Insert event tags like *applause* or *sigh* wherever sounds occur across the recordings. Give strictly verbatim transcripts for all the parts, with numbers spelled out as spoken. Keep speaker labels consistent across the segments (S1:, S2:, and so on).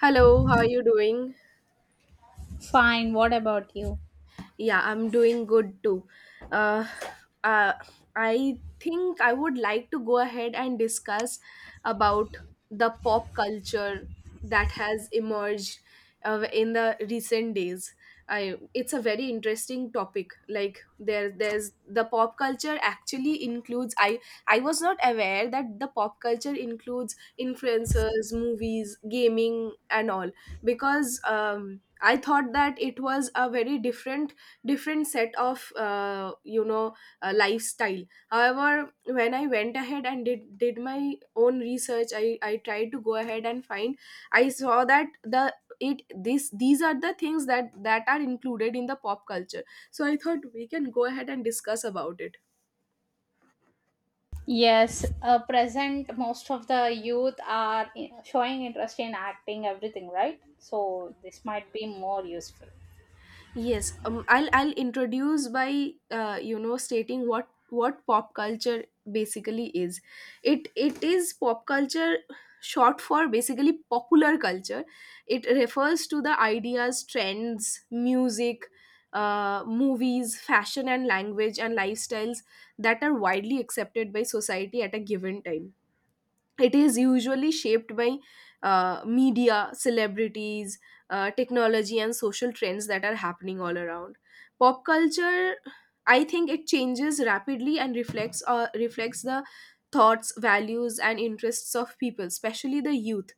S1: Hello, how are you doing?
S2: Fine, what about you?
S1: Yeah, I'm doing good too. Uh, uh, I think I would like to go ahead and discuss about the pop culture that has emerged uh, in the recent days. I, it's a very interesting topic. Like there, there's the pop culture actually includes. I I was not aware that the pop culture includes influencers, movies, gaming, and all because um, I thought that it was a very different different set of uh, you know uh, lifestyle. However, when I went ahead and did did my own research, i i tried to go ahead and find. I saw that the it this these are the things that that are included in the pop culture, so I thought we can go ahead and discuss about it.
S2: Yes, uh, present most of the youth are i- showing interest in acting, everything, right? So this might be more useful.
S1: Yes, um, I'll I'll introduce by uh, you know stating what what pop culture basically is. It it is pop culture, short for basically popular culture. It refers to the ideas, trends, music, uh, movies, fashion and language and lifestyles that are widely accepted by society at a given time. It is usually shaped by uh, media, celebrities, uh, technology and social trends that are happening all around. Pop culture, I think, it changes rapidly and reflects uh, reflects the thoughts, values and interests of people, especially the youth.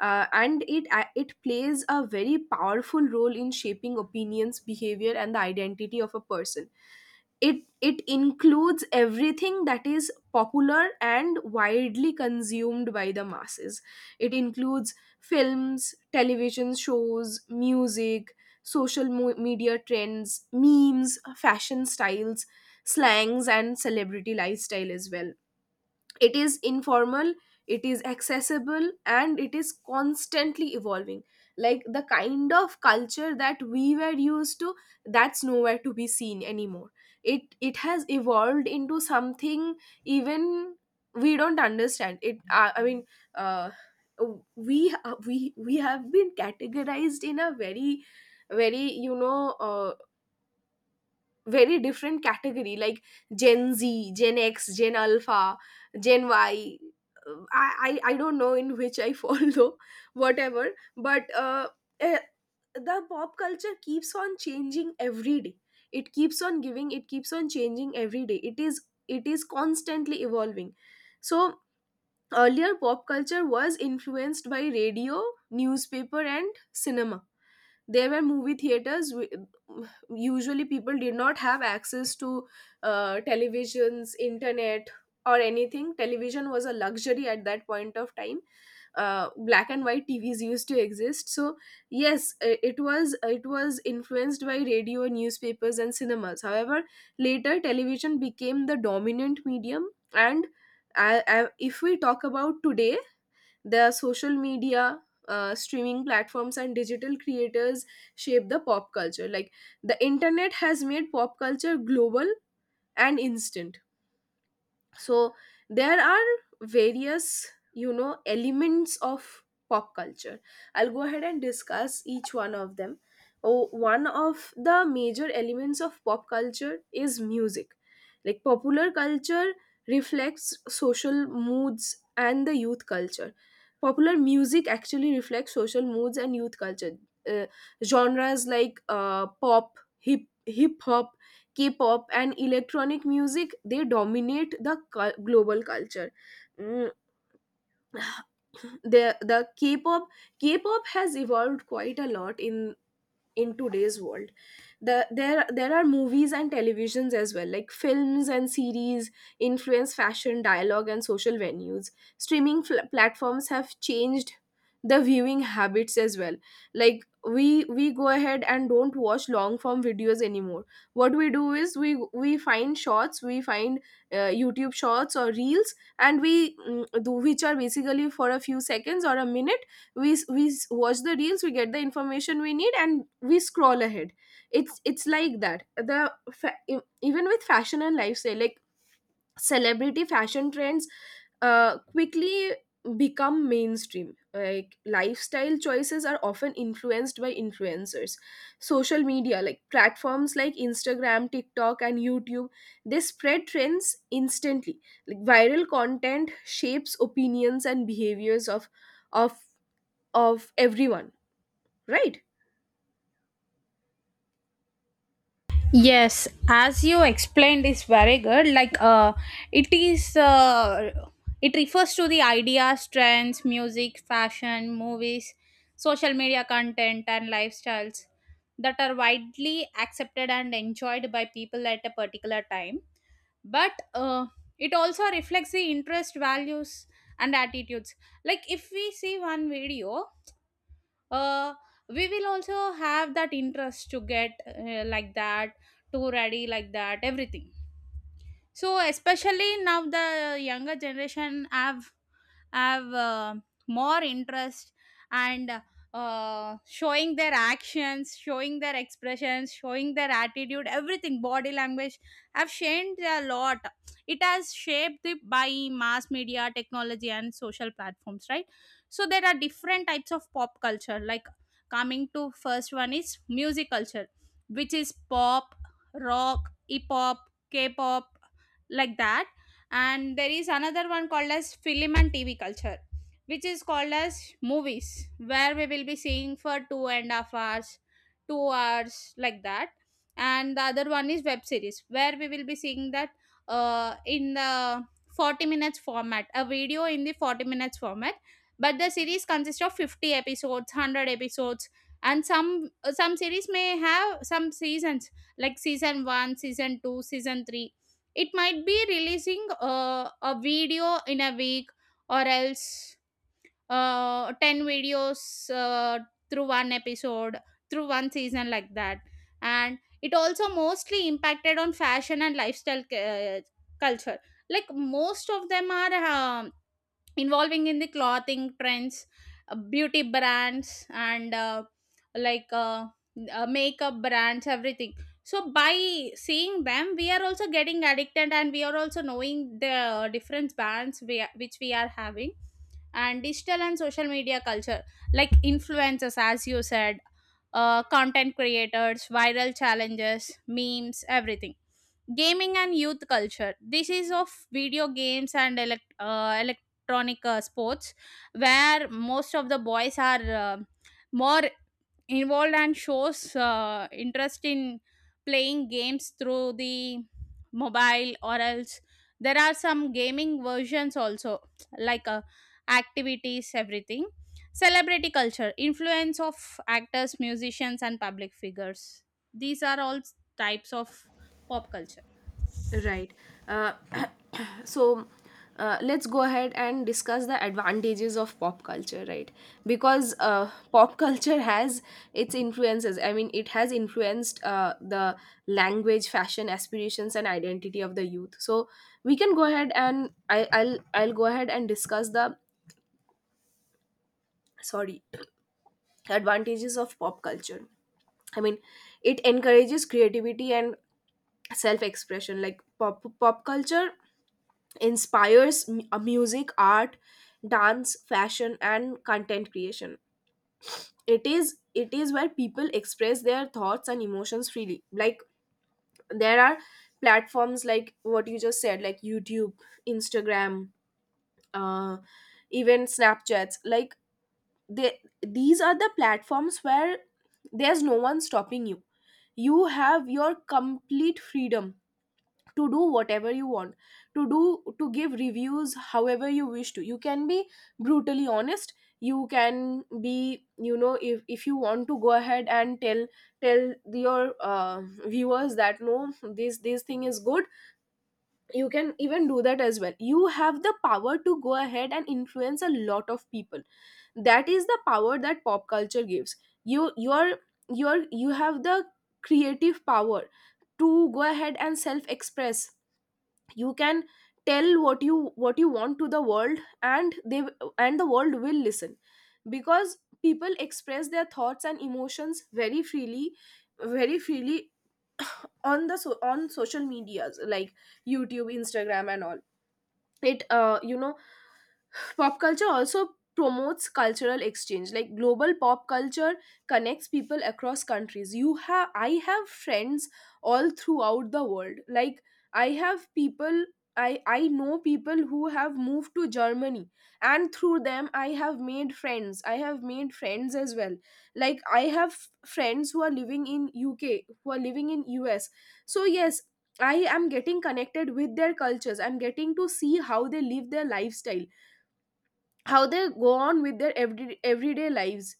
S1: uh, And it uh, it plays a very powerful role in shaping opinions, behavior and the identity of a person. It it includes everything that is popular and widely consumed by the masses. It includes films, television shows, music, social mo- media trends, memes, fashion styles, slangs, and celebrity lifestyle as well. It is informal, it is accessible and it is constantly evolving. Like the kind of culture that we were used to, that's nowhere to be seen anymore. It it has evolved into something even we don't understand. It uh, I mean uh, we uh, we we have been categorized in a very very you know uh, very different category, like gen z, gen x, gen alpha, gen y. Uh, i i, I don't know in which I fall *laughs* though. Whatever. but uh, eh, the pop culture keeps on changing every day. It keeps on giving it keeps on changing every day. It is it is constantly evolving. So earlier pop culture was influenced by radio, newspaper and cinema. There were movie theaters w- Usually people did not have access to uh, televisions, internet or anything. Television was a luxury at that point of time. Uh, black and white TVs used to exist so yes i- it was it was influenced by radio, newspapers and cinemas. However, later television became the dominant medium. And, I, I, if we talk about today, their social media, uh, streaming platforms, and digital creators shape the pop culture. Like the internet has made pop culture global and instant. So there are various, you know, elements of pop culture. I'll go ahead and discuss each one of them. oh, One of the major elements of pop culture is music. Like popular culture reflects social moods and the youth culture. Popular music actually reflects social moods and youth culture. Uh, Genres like uh, pop, hip hip hop, K-pop and electronic music, they dominate the cul- global culture. Mm, the the K-pop K-pop has evolved quite a lot in in today's world. The, there there are movies and televisions as well. Like films and series influence fashion, dialogue and social venues. streaming fl- platforms have changed the viewing habits as well. Like we we go ahead and don't watch long form videos anymore. What we do is we we find shorts, we find uh, YouTube shorts or reels, and we mm, do, which are basically for a few seconds or a minute. We we watch the reels, we get the information we need and we scroll ahead. It's it's like that. The fa- e- even with fashion and lifestyle, like celebrity fashion trends uh quickly become mainstream. Like lifestyle choices are often influenced by influencers. Social media, like platforms like Instagram, TikTok and YouTube, they spread trends instantly. Like viral content shapes opinions and behaviors of of of everyone, right.
S2: Yes, as you explained, is very good. Like, uh, it is. Uh, it refers to the ideas, trends, music, fashion, movies, social media content, and lifestyles that are widely accepted and enjoyed by people at a particular time. But uh, it also reflects the interest, values, and attitudes. Like, if we see one video, uh, we will also have that interest to get, uh, like that, to ready like that everything. So especially now the younger generation have have uh, more interest, and uh, showing their actions, showing their expressions, showing their attitude, everything. Body language have changed a lot. It has shaped it by mass media, technology and social platforms, right? So there are different types of pop culture. Like, coming to first one is music culture, which is pop, rock, hip hop, k-pop, like that. And there is another one called as film and tv culture, which is called as movies, where we will be seeing for two and a half hours, two hours like that. And the other one is web series, where we will be seeing that, uh, in the forty minutes format, a video in the forty minutes format. But the series consists of fifty episodes, one hundred episodes. And some uh, some series may have some seasons, like season one, season two, season three. It might be releasing, uh, a video in a week, or else uh, ten videos uh, through one episode, through one season, like that. And it also mostly impacted on fashion and lifestyle cu- uh, culture. Like most of them are, um, involving in the clothing trends, uh, beauty brands, and uh, like uh, uh, makeup brands, everything. So by seeing them we are also getting addicted, and we are also knowing the different brands we are, which we are having. And digital and social media culture, like influencers, as you said, uh, content creators, viral challenges, memes, everything. Gaming and youth culture, this is of video games and elect- uh, electronic uh, sports, where most of the boys are, uh, more involved, and shows uh, interest in playing games through the mobile, or else there are some gaming versions also, like uh, activities, everything. Celebrity culture, influence of actors, musicians and public figures. These are all types of pop culture.
S1: Right. uh, *clears throat* so uh, let's go ahead and discuss the advantages of pop culture, right. Because uh, pop culture has its influences. I mean, it has influenced uh, the language, fashion, aspirations and identity of the youth. So we can go ahead and I, i'll i'll go ahead and discuss the, sorry, *clears throat* advantages of pop culture. I mean, it encourages creativity and self expression. Like pop pop culture inspires mu- uh, music, art, dance, fashion and content creation. It is it is where people express their thoughts and emotions freely. Like there are platforms like what you just said, like YouTube, Instagram, uh even Snapchats. Like they, these are the platforms where there's no one stopping you. You have your complete freedom to do whatever you want to do, to give reviews however you wish to. You can be brutally honest. You can be, you know, if, if you want to go ahead and tell tell your uh, viewers that no, this this thing is good, you can even do that as well. You have the power to go ahead and influence a lot of people. That is the power that pop culture gives. You you're you're you have the creative power to go ahead and self express. You can tell what you what you want to the world and they and the world will listen, because people express their thoughts and emotions very freely very freely on the so, on social medias like YouTube, Instagram and all. It uh, you know Pop culture also promotes cultural exchange. Like global pop culture connects people across countries. You have I have friends all throughout the world. Like I have people, I, I know people who have moved to Germany, and through them I have made friends. I have made friends as well. Like I have friends who are living in U K, who are living in U S. So yes, I am getting connected with their cultures. I'm getting to see how they live their lifestyle, how they go on with their every, everyday lives.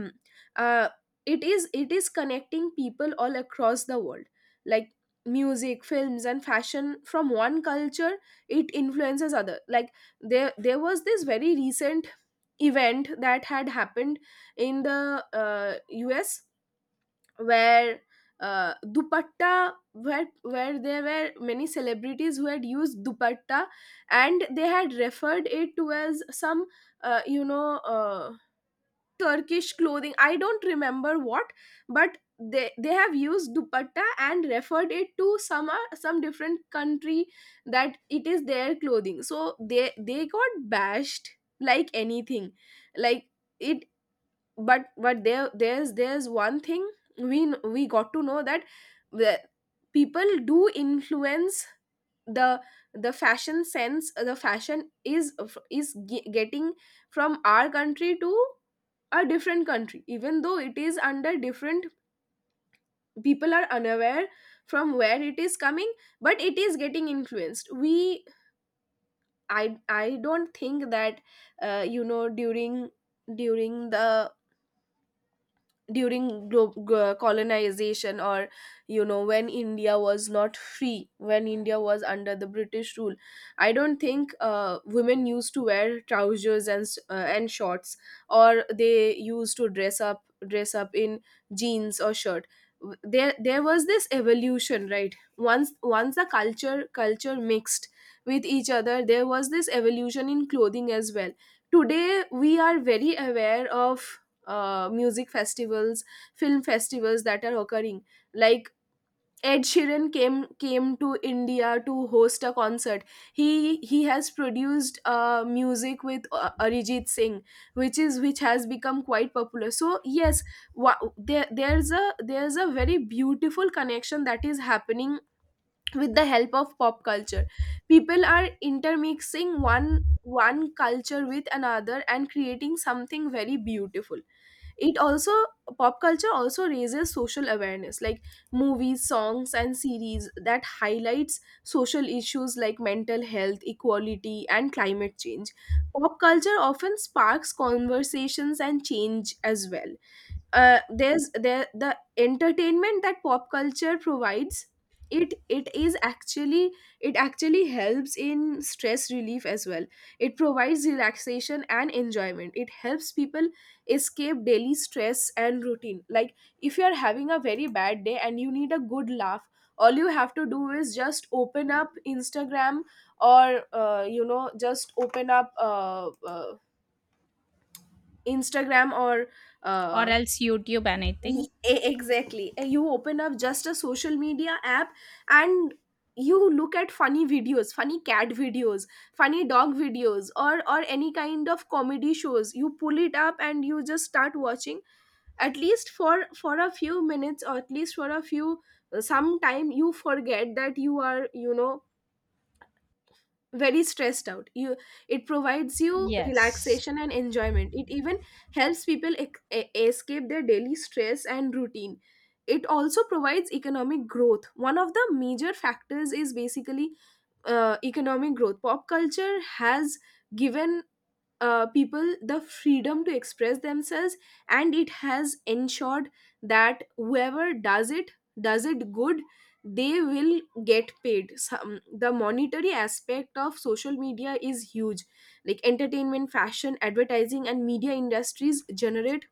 S1: *clears throat* uh, it is it is connecting people all across the world. Like music, films and fashion from one culture, it influences other. Like there there was this very recent event that had happened in the uh, US, where uh, dupatta where where there were many celebrities who had used dupatta, and they had referred it to as some uh, you know uh, Turkish clothing. I don't remember what. But they they have used dupatta and referred it to some uh, some different country, that it is their clothing. So they they got bashed like anything. Like it, but but there there's there's one thing. We kn- we got to know that the people do influence the the fashion sense. The fashion is is ge- getting from our country to a different country, even though it is under different. People are unaware from where it is coming, but it is getting influenced. We i i don't think that, uh, you know during during the during glo- glo- colonization, or you know, when India was not free, when India was under the British rule, I don't think uh, women used to wear trousers and s- uh, and shorts, or they used to dress up dress up in jeans or shirt. W- there there was this evolution, right. Once once the culture culture mixed with each other, there was this evolution in clothing as well. Today we are very aware of uh, music festivals, film festivals that are occurring. Like Ed Sheeran came came to India to host a concert. He he has produced uh, music with uh, Arijit Singh, which is which has become quite popular. So yes, wa- there there's a there's a very beautiful connection that is happening with the help of pop culture. People are intermixing one one culture with another and creating something very beautiful. It also Pop culture also raises social awareness. Like movies, songs and series that highlights social issues like mental health, equality and climate change, pop culture often sparks conversations and change as well. Uh, there's there the entertainment that pop culture provides, it it is actually it actually helps in stress relief as well. It provides relaxation and enjoyment. It helps people escape daily stress and routine. Like if you're having a very bad day and you need a good laugh, all you have to do is just open up Instagram, or uh, you know just open up uh, uh, Instagram or
S2: Or
S1: uh,
S2: else YouTube,
S1: E-
S2: anything.
S1: e- exactly. Uh, you open up just a social media app, and you look at funny videos, funny cat videos, funny dog videos, or or any kind of comedy shows, you pull it up and you just start watching. At least for for a few minutes, or at least for a few some time, you forget that you are you know very stressed out. You It provides you
S2: Yes.
S1: relaxation and enjoyment. It even helps people ec- e- escape their daily stress and routine. It also provides economic growth. One of the major factors is basically uh, economic growth. Pop culture has given uh, people the freedom to express themselves, and it has ensured that whoever does it, does it good, they will get paid. Some The monetary aspect of social media is huge, like entertainment, fashion, advertising and media industries generate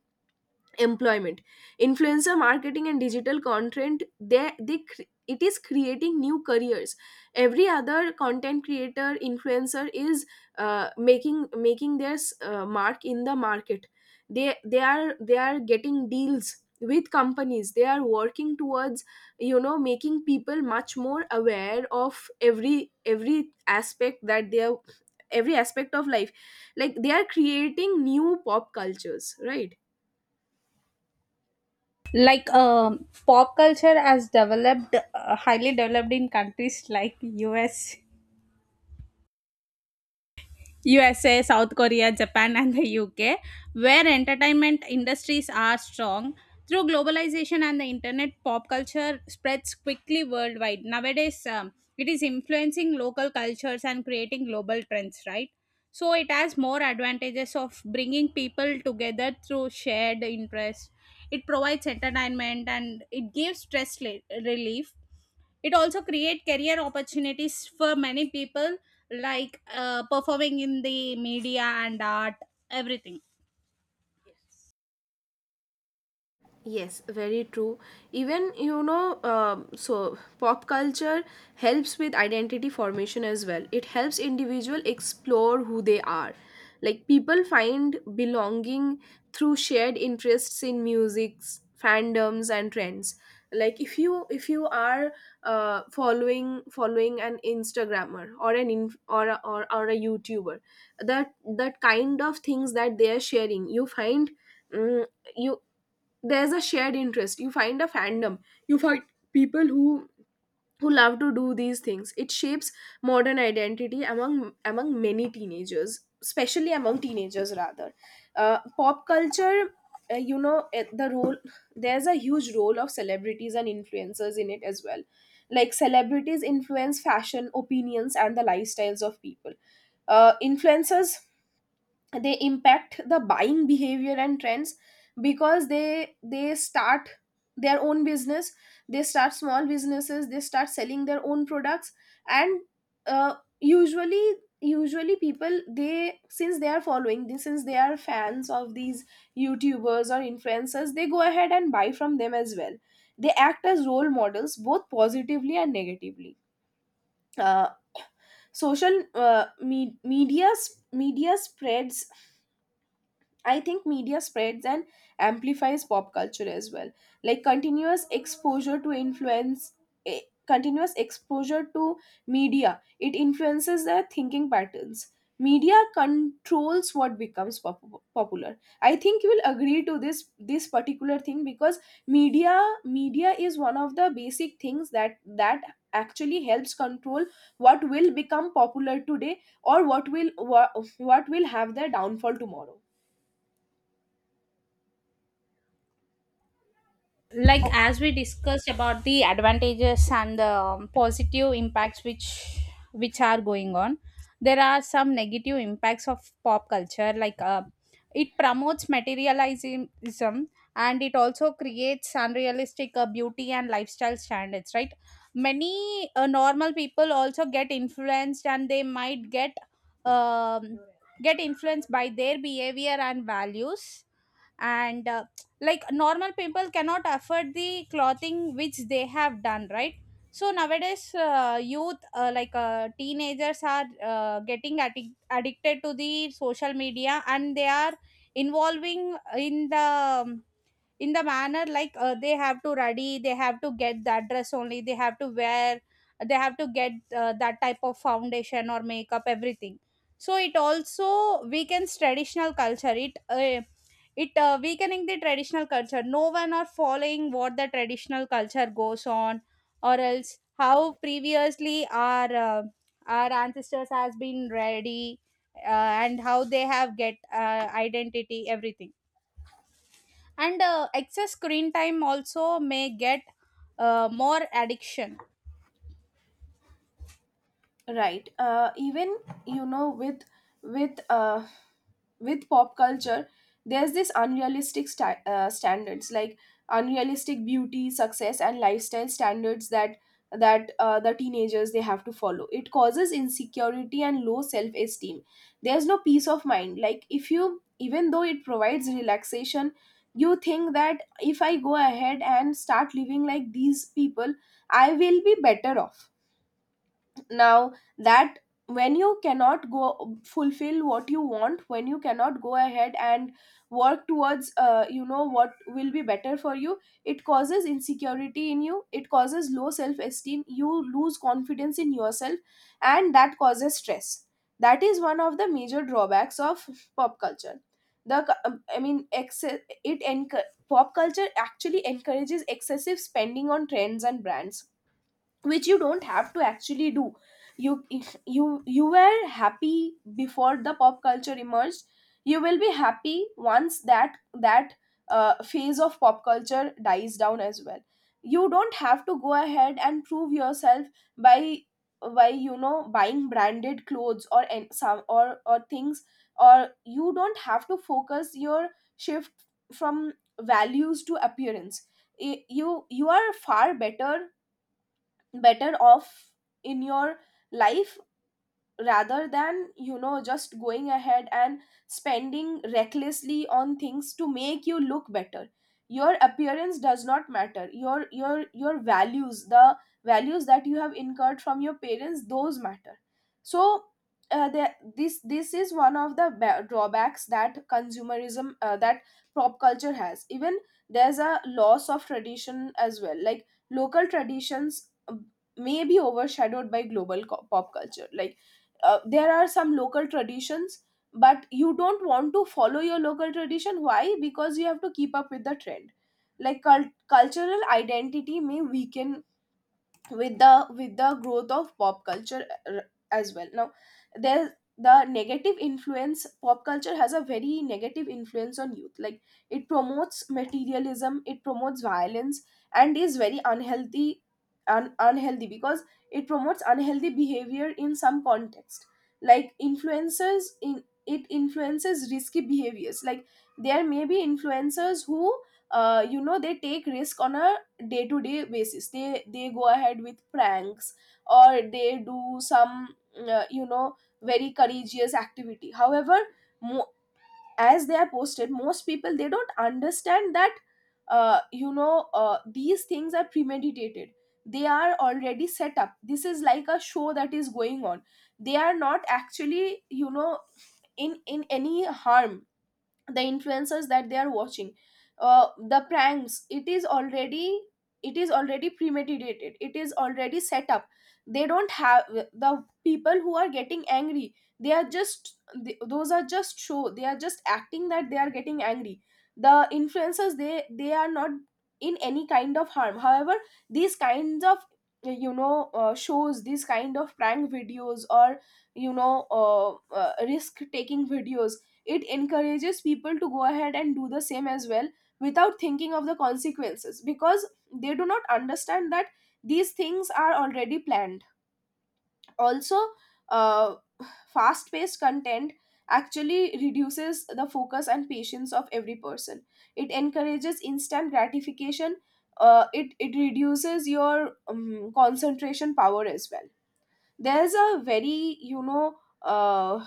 S1: employment. Influencer marketing and digital content, they they cr- it is creating new careers. Every other content creator, influencer is uh, making making their uh, mark in the market. They they are they are getting deals with companies. They are working towards, you know making people much more aware of every every aspect that they are, every aspect of life. Like they are creating new pop cultures, right?
S2: Like, um, pop culture has developed, uh, highly developed in countries like U S, U S A, South Korea, Japan, and the U K, where entertainment industries are strong. Through globalization and the internet, pop culture spreads quickly worldwide. Nowadays, um, it is influencing local cultures and creating global trends, right? So, it has more advantages of bringing people together through shared interests. It provides entertainment, and it gives stress le- relief. It also create career opportunities for many people, like uh, performing in the media and art, everything.
S1: Yes, very true. Even, you know, um so pop culture helps with identity formation as well. It helps individual explore who they are. Like people find belonging through shared interests in musics, fandoms and trends. Like if you if you are uh, following following an Instagrammer or an inf- or a, or or a YouTuber, that that kind of things that they are sharing, you find mm, you there's a shared interest. You find a fandom, you find people who who love to do these things. It shapes modern identity among among many teenagers, especially among teenagers rather. Uh, pop culture, uh, you know it- the role, there's a huge role of celebrities and influencers in it as well. Like celebrities influence fashion, opinions and the lifestyles of people. Uh, influencers, they impact the buying behavior and trends, because they they start their own business. They start small businesses, they start selling their own products. And uh, usually usually people, they, since they are following this, since they are fans of these YouTubers or influencers, they go ahead and buy from them as well. They act as role models, both positively and negatively. uh, *coughs* social uh, me- media sp- media spreads, I think media spreads and amplifies pop culture as well. Like continuous exposure to influence, eh, continuous exposure to media, it influences their thinking patterns. Media controls what becomes pop- popular. I think you will agree to this this particular thing, because media media is one of the basic things that that actually helps control what will become popular today, or what will wha- what will have their downfall tomorrow.
S2: Like as we discussed about the advantages and the, um, positive impacts which which are going on, there are some negative impacts of pop culture. Like uh, it promotes materialism, and it also creates unrealistic uh, beauty and lifestyle standards, right? Many uh, normal people also get influenced, and they might get, um, get influenced by their behavior and values. And uh, like normal people cannot afford the clothing which they have done, right? So nowadays uh, youth, uh, like uh, teenagers are uh, getting addic- addicted to the social media, and they are involving in the, um, in the manner, like uh, they have to ready, they have to get that dress only, they have to wear, they have to get uh, that type of foundation or makeup, everything. So it also weakens traditional culture. It uh, it uh, weakening the traditional culture. No one are following what the traditional culture goes on, or else how previously our uh, our ancestors has been ready, uh, and how they have get uh, identity, everything. And uh, excess screen time also may get uh, more addiction.
S1: Right. Uh, even, you know with with uh, with pop culture, there's this unrealistic sta- uh, standards like unrealistic beauty, success and lifestyle standards that that uh, the teenagers, they have to follow. It causes insecurity and low self esteem. There's no peace of mind. Like if you, even though it provides relaxation, you think that if I go ahead and start living like these people, I will be better off. Now that, when you cannot go fulfill what you want, when you cannot go ahead and work towards uh, you know what will be better for you, it causes insecurity in you, it causes low self esteem, you lose confidence in yourself, and that causes stress. That is one of the major drawbacks of pop culture. The c- I mean excess, it enc- pop culture actually encourages excessive spending on trends and brands, which you don't have to actually do. You If you you were happy before the pop culture emerged, you will be happy once that that uh, phase of pop culture dies down as well. You don't have to go ahead and prove yourself by by you know buying branded clothes or an- some or or things. Or you don't have to focus your shift from values to appearance. I- you you are far better, better off in your life, rather than you know just going ahead and spending recklessly on things to make you look better. Your appearance does not matter. Your your your values, the values that you have incurred from your parents, those matter. So uh, the, this this is one of the ba- drawbacks that consumerism, uh, that pop culture has. Even there's a loss of tradition as well. Like local traditions uh, may be overshadowed by global co- pop culture. Like uh, there are some local traditions, but you don't want to follow your local tradition. Why? Because you have to keep up with the trend. Like cult- cultural identity may weaken with the with the growth of pop culture r- as well. Now there's the negative influence. Pop culture has a very negative influence on youth. Like it promotes materialism, it promotes violence, and is very unhealthy. Un- unhealthy because it promotes unhealthy behavior in some context. Like influencers in it influences risky behaviors. Like there may be influencers who uh, you know they take risk on a day to day basis. They they go ahead with pranks, or they do some uh, you know very courageous activity. However, mo- as they are posted, most people, they don't understand that uh, you know uh, these things are premeditated. They are already set up. This is like a show that is going on. They are not actually, you know in in any harm. The influencers that they are watching, uh, the pranks, it is already it is already premeditated, it is already set up. They don't have, the people who are getting angry, they are just, th- those are just show. They are just acting that they are getting angry. The influencers, they they are not in any kind of harm. However, these kinds of, you know uh, shows, these kind of prank videos or you know uh, uh, risk taking videos, it encourages people to go ahead and do the same as well, without thinking of the consequences, because they do not understand that these things are already planned. Also, uh, fast paced content actually reduces the focus and patience of every person. It encourages instant gratification. uh, it it reduces your um, concentration power as well. There's a very, you know uh,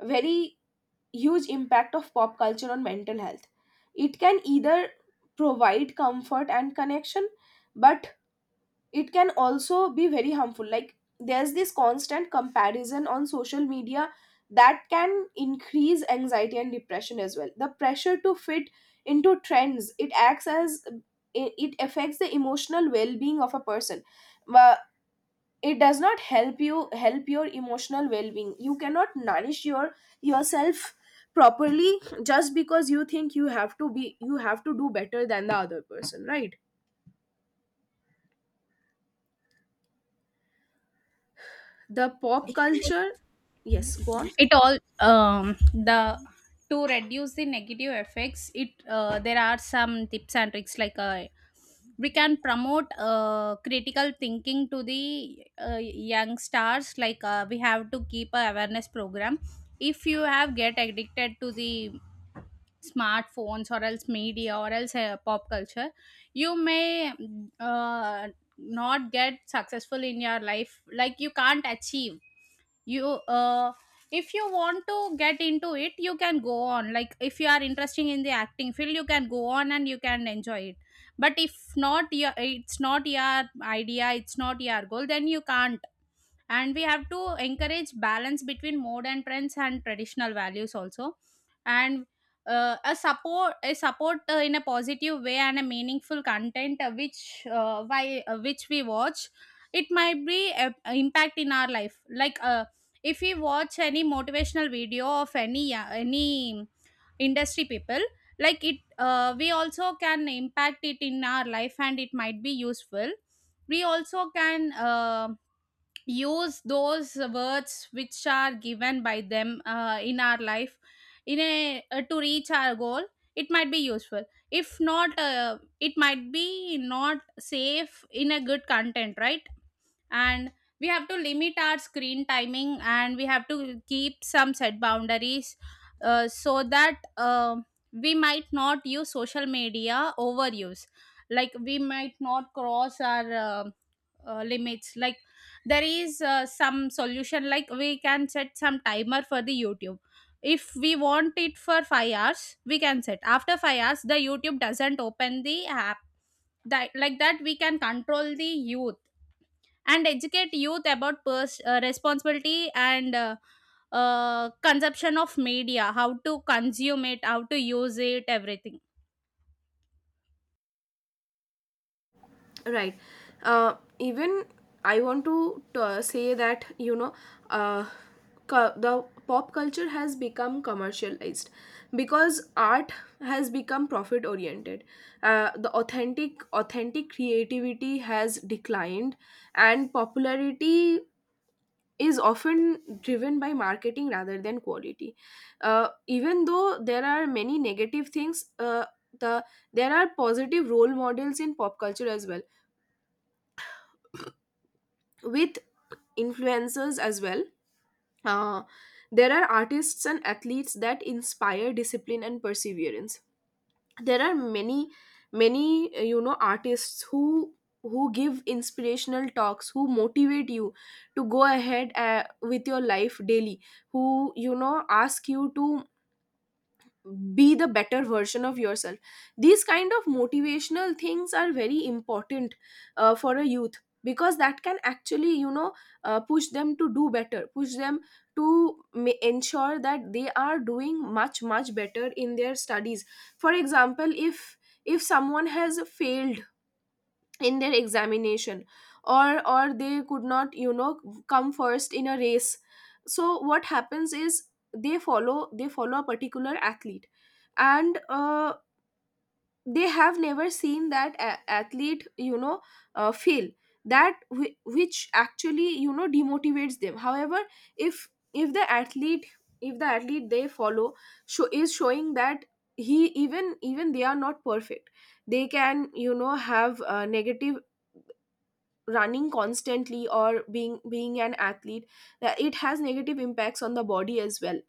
S1: very huge impact of pop culture on mental health. It can either provide comfort and connection, but it can also be very harmful. Like there's this constant comparison on social media that can increase anxiety and depression as well. The pressure to fit into trends, it acts as it it affects the emotional well-being of a person. Uh, it does not help you help your emotional well-being. You cannot nourish your yourself properly, just because you think you have to be, you have to do better than the other person, right? The pop culture, yes, go on.
S2: It all, um, the, to reduce the negative effects, it uh, there are some tips and tricks. Like uh, we can promote uh, critical thinking to the uh, young stars. Like uh, we have to keep a awareness program. If you have get addicted to the smartphones, or else media, or else uh, pop culture, you may uh, not get successful in your life. Like you can't achieve, you uh, if you want to get into it you can go on, like if you are interested in the acting field you can go on and you can enjoy it. But if not, your it's not your idea, it's not your goal, then you can't. And we have to encourage balance between modern trends and traditional values also. And uh, a support, a support uh, in a positive way, and a meaningful content, uh, which uh, why uh, which we watch, it might be a, a impact in our life. Like uh, if we watch any motivational video of any uh, any industry people, like it, uh, we also can impact it in our life, and it might be useful. We also can, uh, use those words which are given by them, uh, in our life, in a, uh, to reach our goal, it might be useful. If not, uh, it might be not safe in a good content, right? And we have to limit our screen timing, and we have to keep some set boundaries, uh, so that, uh, we might not use social media overuse, like we might not cross our uh, uh, limits. Like there is uh, some solution, like we can set some timer for the youtube. If we want it for five hours, we can set, after five hours the youtube doesn't open the app. That, like that we can control the youth. And educate youth about pers- uh, responsibility and uh, uh, consumption of media, how to consume it, how to use it, everything.
S1: Right. Uh, even I want to uh, say that, you know, uh, cu- the pop culture has become commercialized because art has become profit oriented. Uh, the authentic, authentic creativity has declined, and popularity is often driven by marketing rather than quality. Uh, even though there are many negative things, uh, the there are positive role models in pop culture as well, with influencers as well. uh, there are artists and athletes that inspire discipline and perseverance. There are many many uh, you know artists who who give inspirational talks, who motivate you to go ahead uh, with your life daily, who you know ask you to be the better version of yourself. These kind of motivational things are very important uh, for a youth, because that can actually you know uh, push them to do better, push them to ma- ensure that they are doing much much better in their studies. For example, if if someone has failed in their examination, or or they could not, you know come first in a race. So what happens is, they follow they follow a particular athlete, and uh, they have never seen that a- athlete, you know uh, fail, that whi- which actually you know demotivates them. However, if if the athlete, if the athlete they follow show, is showing that he even even they are not perfect, they can you know have uh, negative, running constantly or being being an athlete, that it has negative impacts on the body as well,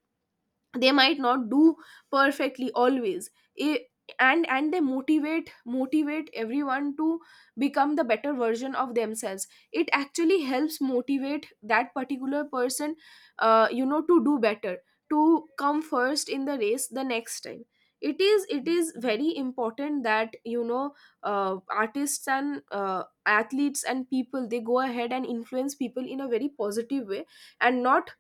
S1: they might not do perfectly always. I- and and they motivate motivate everyone to become the better version of themselves. It actually helps motivate that particular person uh, you know to do better, to come first in the race the next time. It is it is very important that, you know uh, artists and uh, athletes and people, they go ahead and influence people in a very positive way, and not,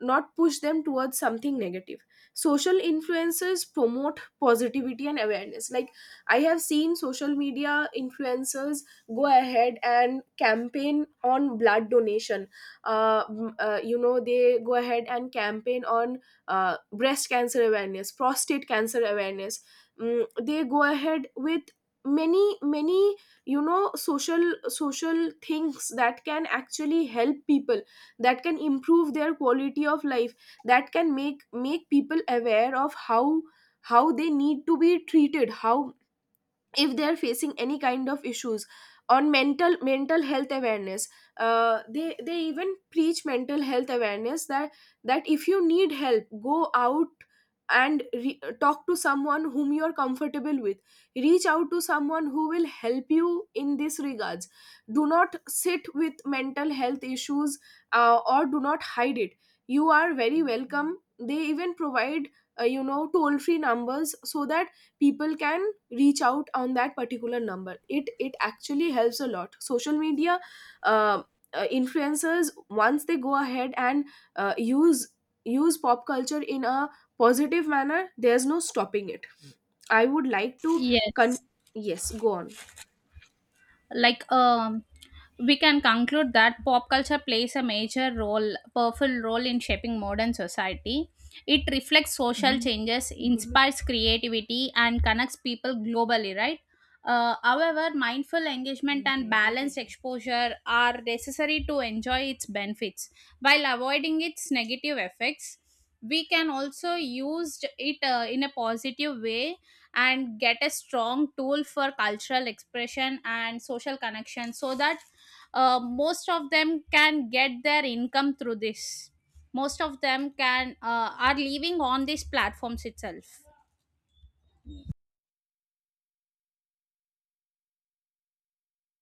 S1: not push them towards something negative. Social influencers promote positivity and awareness. Like I have seen social media influencers go ahead and campaign on blood donation. uh, m- uh, you know they go ahead and campaign on uh, breast cancer awareness, prostate cancer awareness. Mm, they go ahead with many many you know social social things that can actually help people, that can improve their quality of life, that can make make people aware of how how they need to be treated, how, if they are facing any kind of issues, on mental mental health awareness. Uh, they they even preach mental health awareness, that that if you need help, go out and re- talk to someone whom you are comfortable with. Reach out to someone who will help you in this regards. Do not sit with mental health issues, uh, or do not hide it. You are very welcome. They even provide uh, you know toll free numbers, so that people can reach out on that particular number. It it actually helps a lot. Social media uh, uh, influencers, once they go ahead and uh, use use pop culture in a positive manner, there's no stopping it. I would like to con-
S2: Yes.
S1: yes, go on.
S2: Like, um we can conclude that pop culture plays a major role, powerful role in shaping modern society. It reflects social changes, inspires creativity and connects people globally, right? Uh, however, mindful engagement and balanced exposure are necessary to enjoy its benefits while avoiding its negative effects. We can also use it, uh, in a positive way, and get a strong tool for cultural expression and social connection, so that uh, most of them can get their income through this. Most of them can, uh, are living on these platforms itself.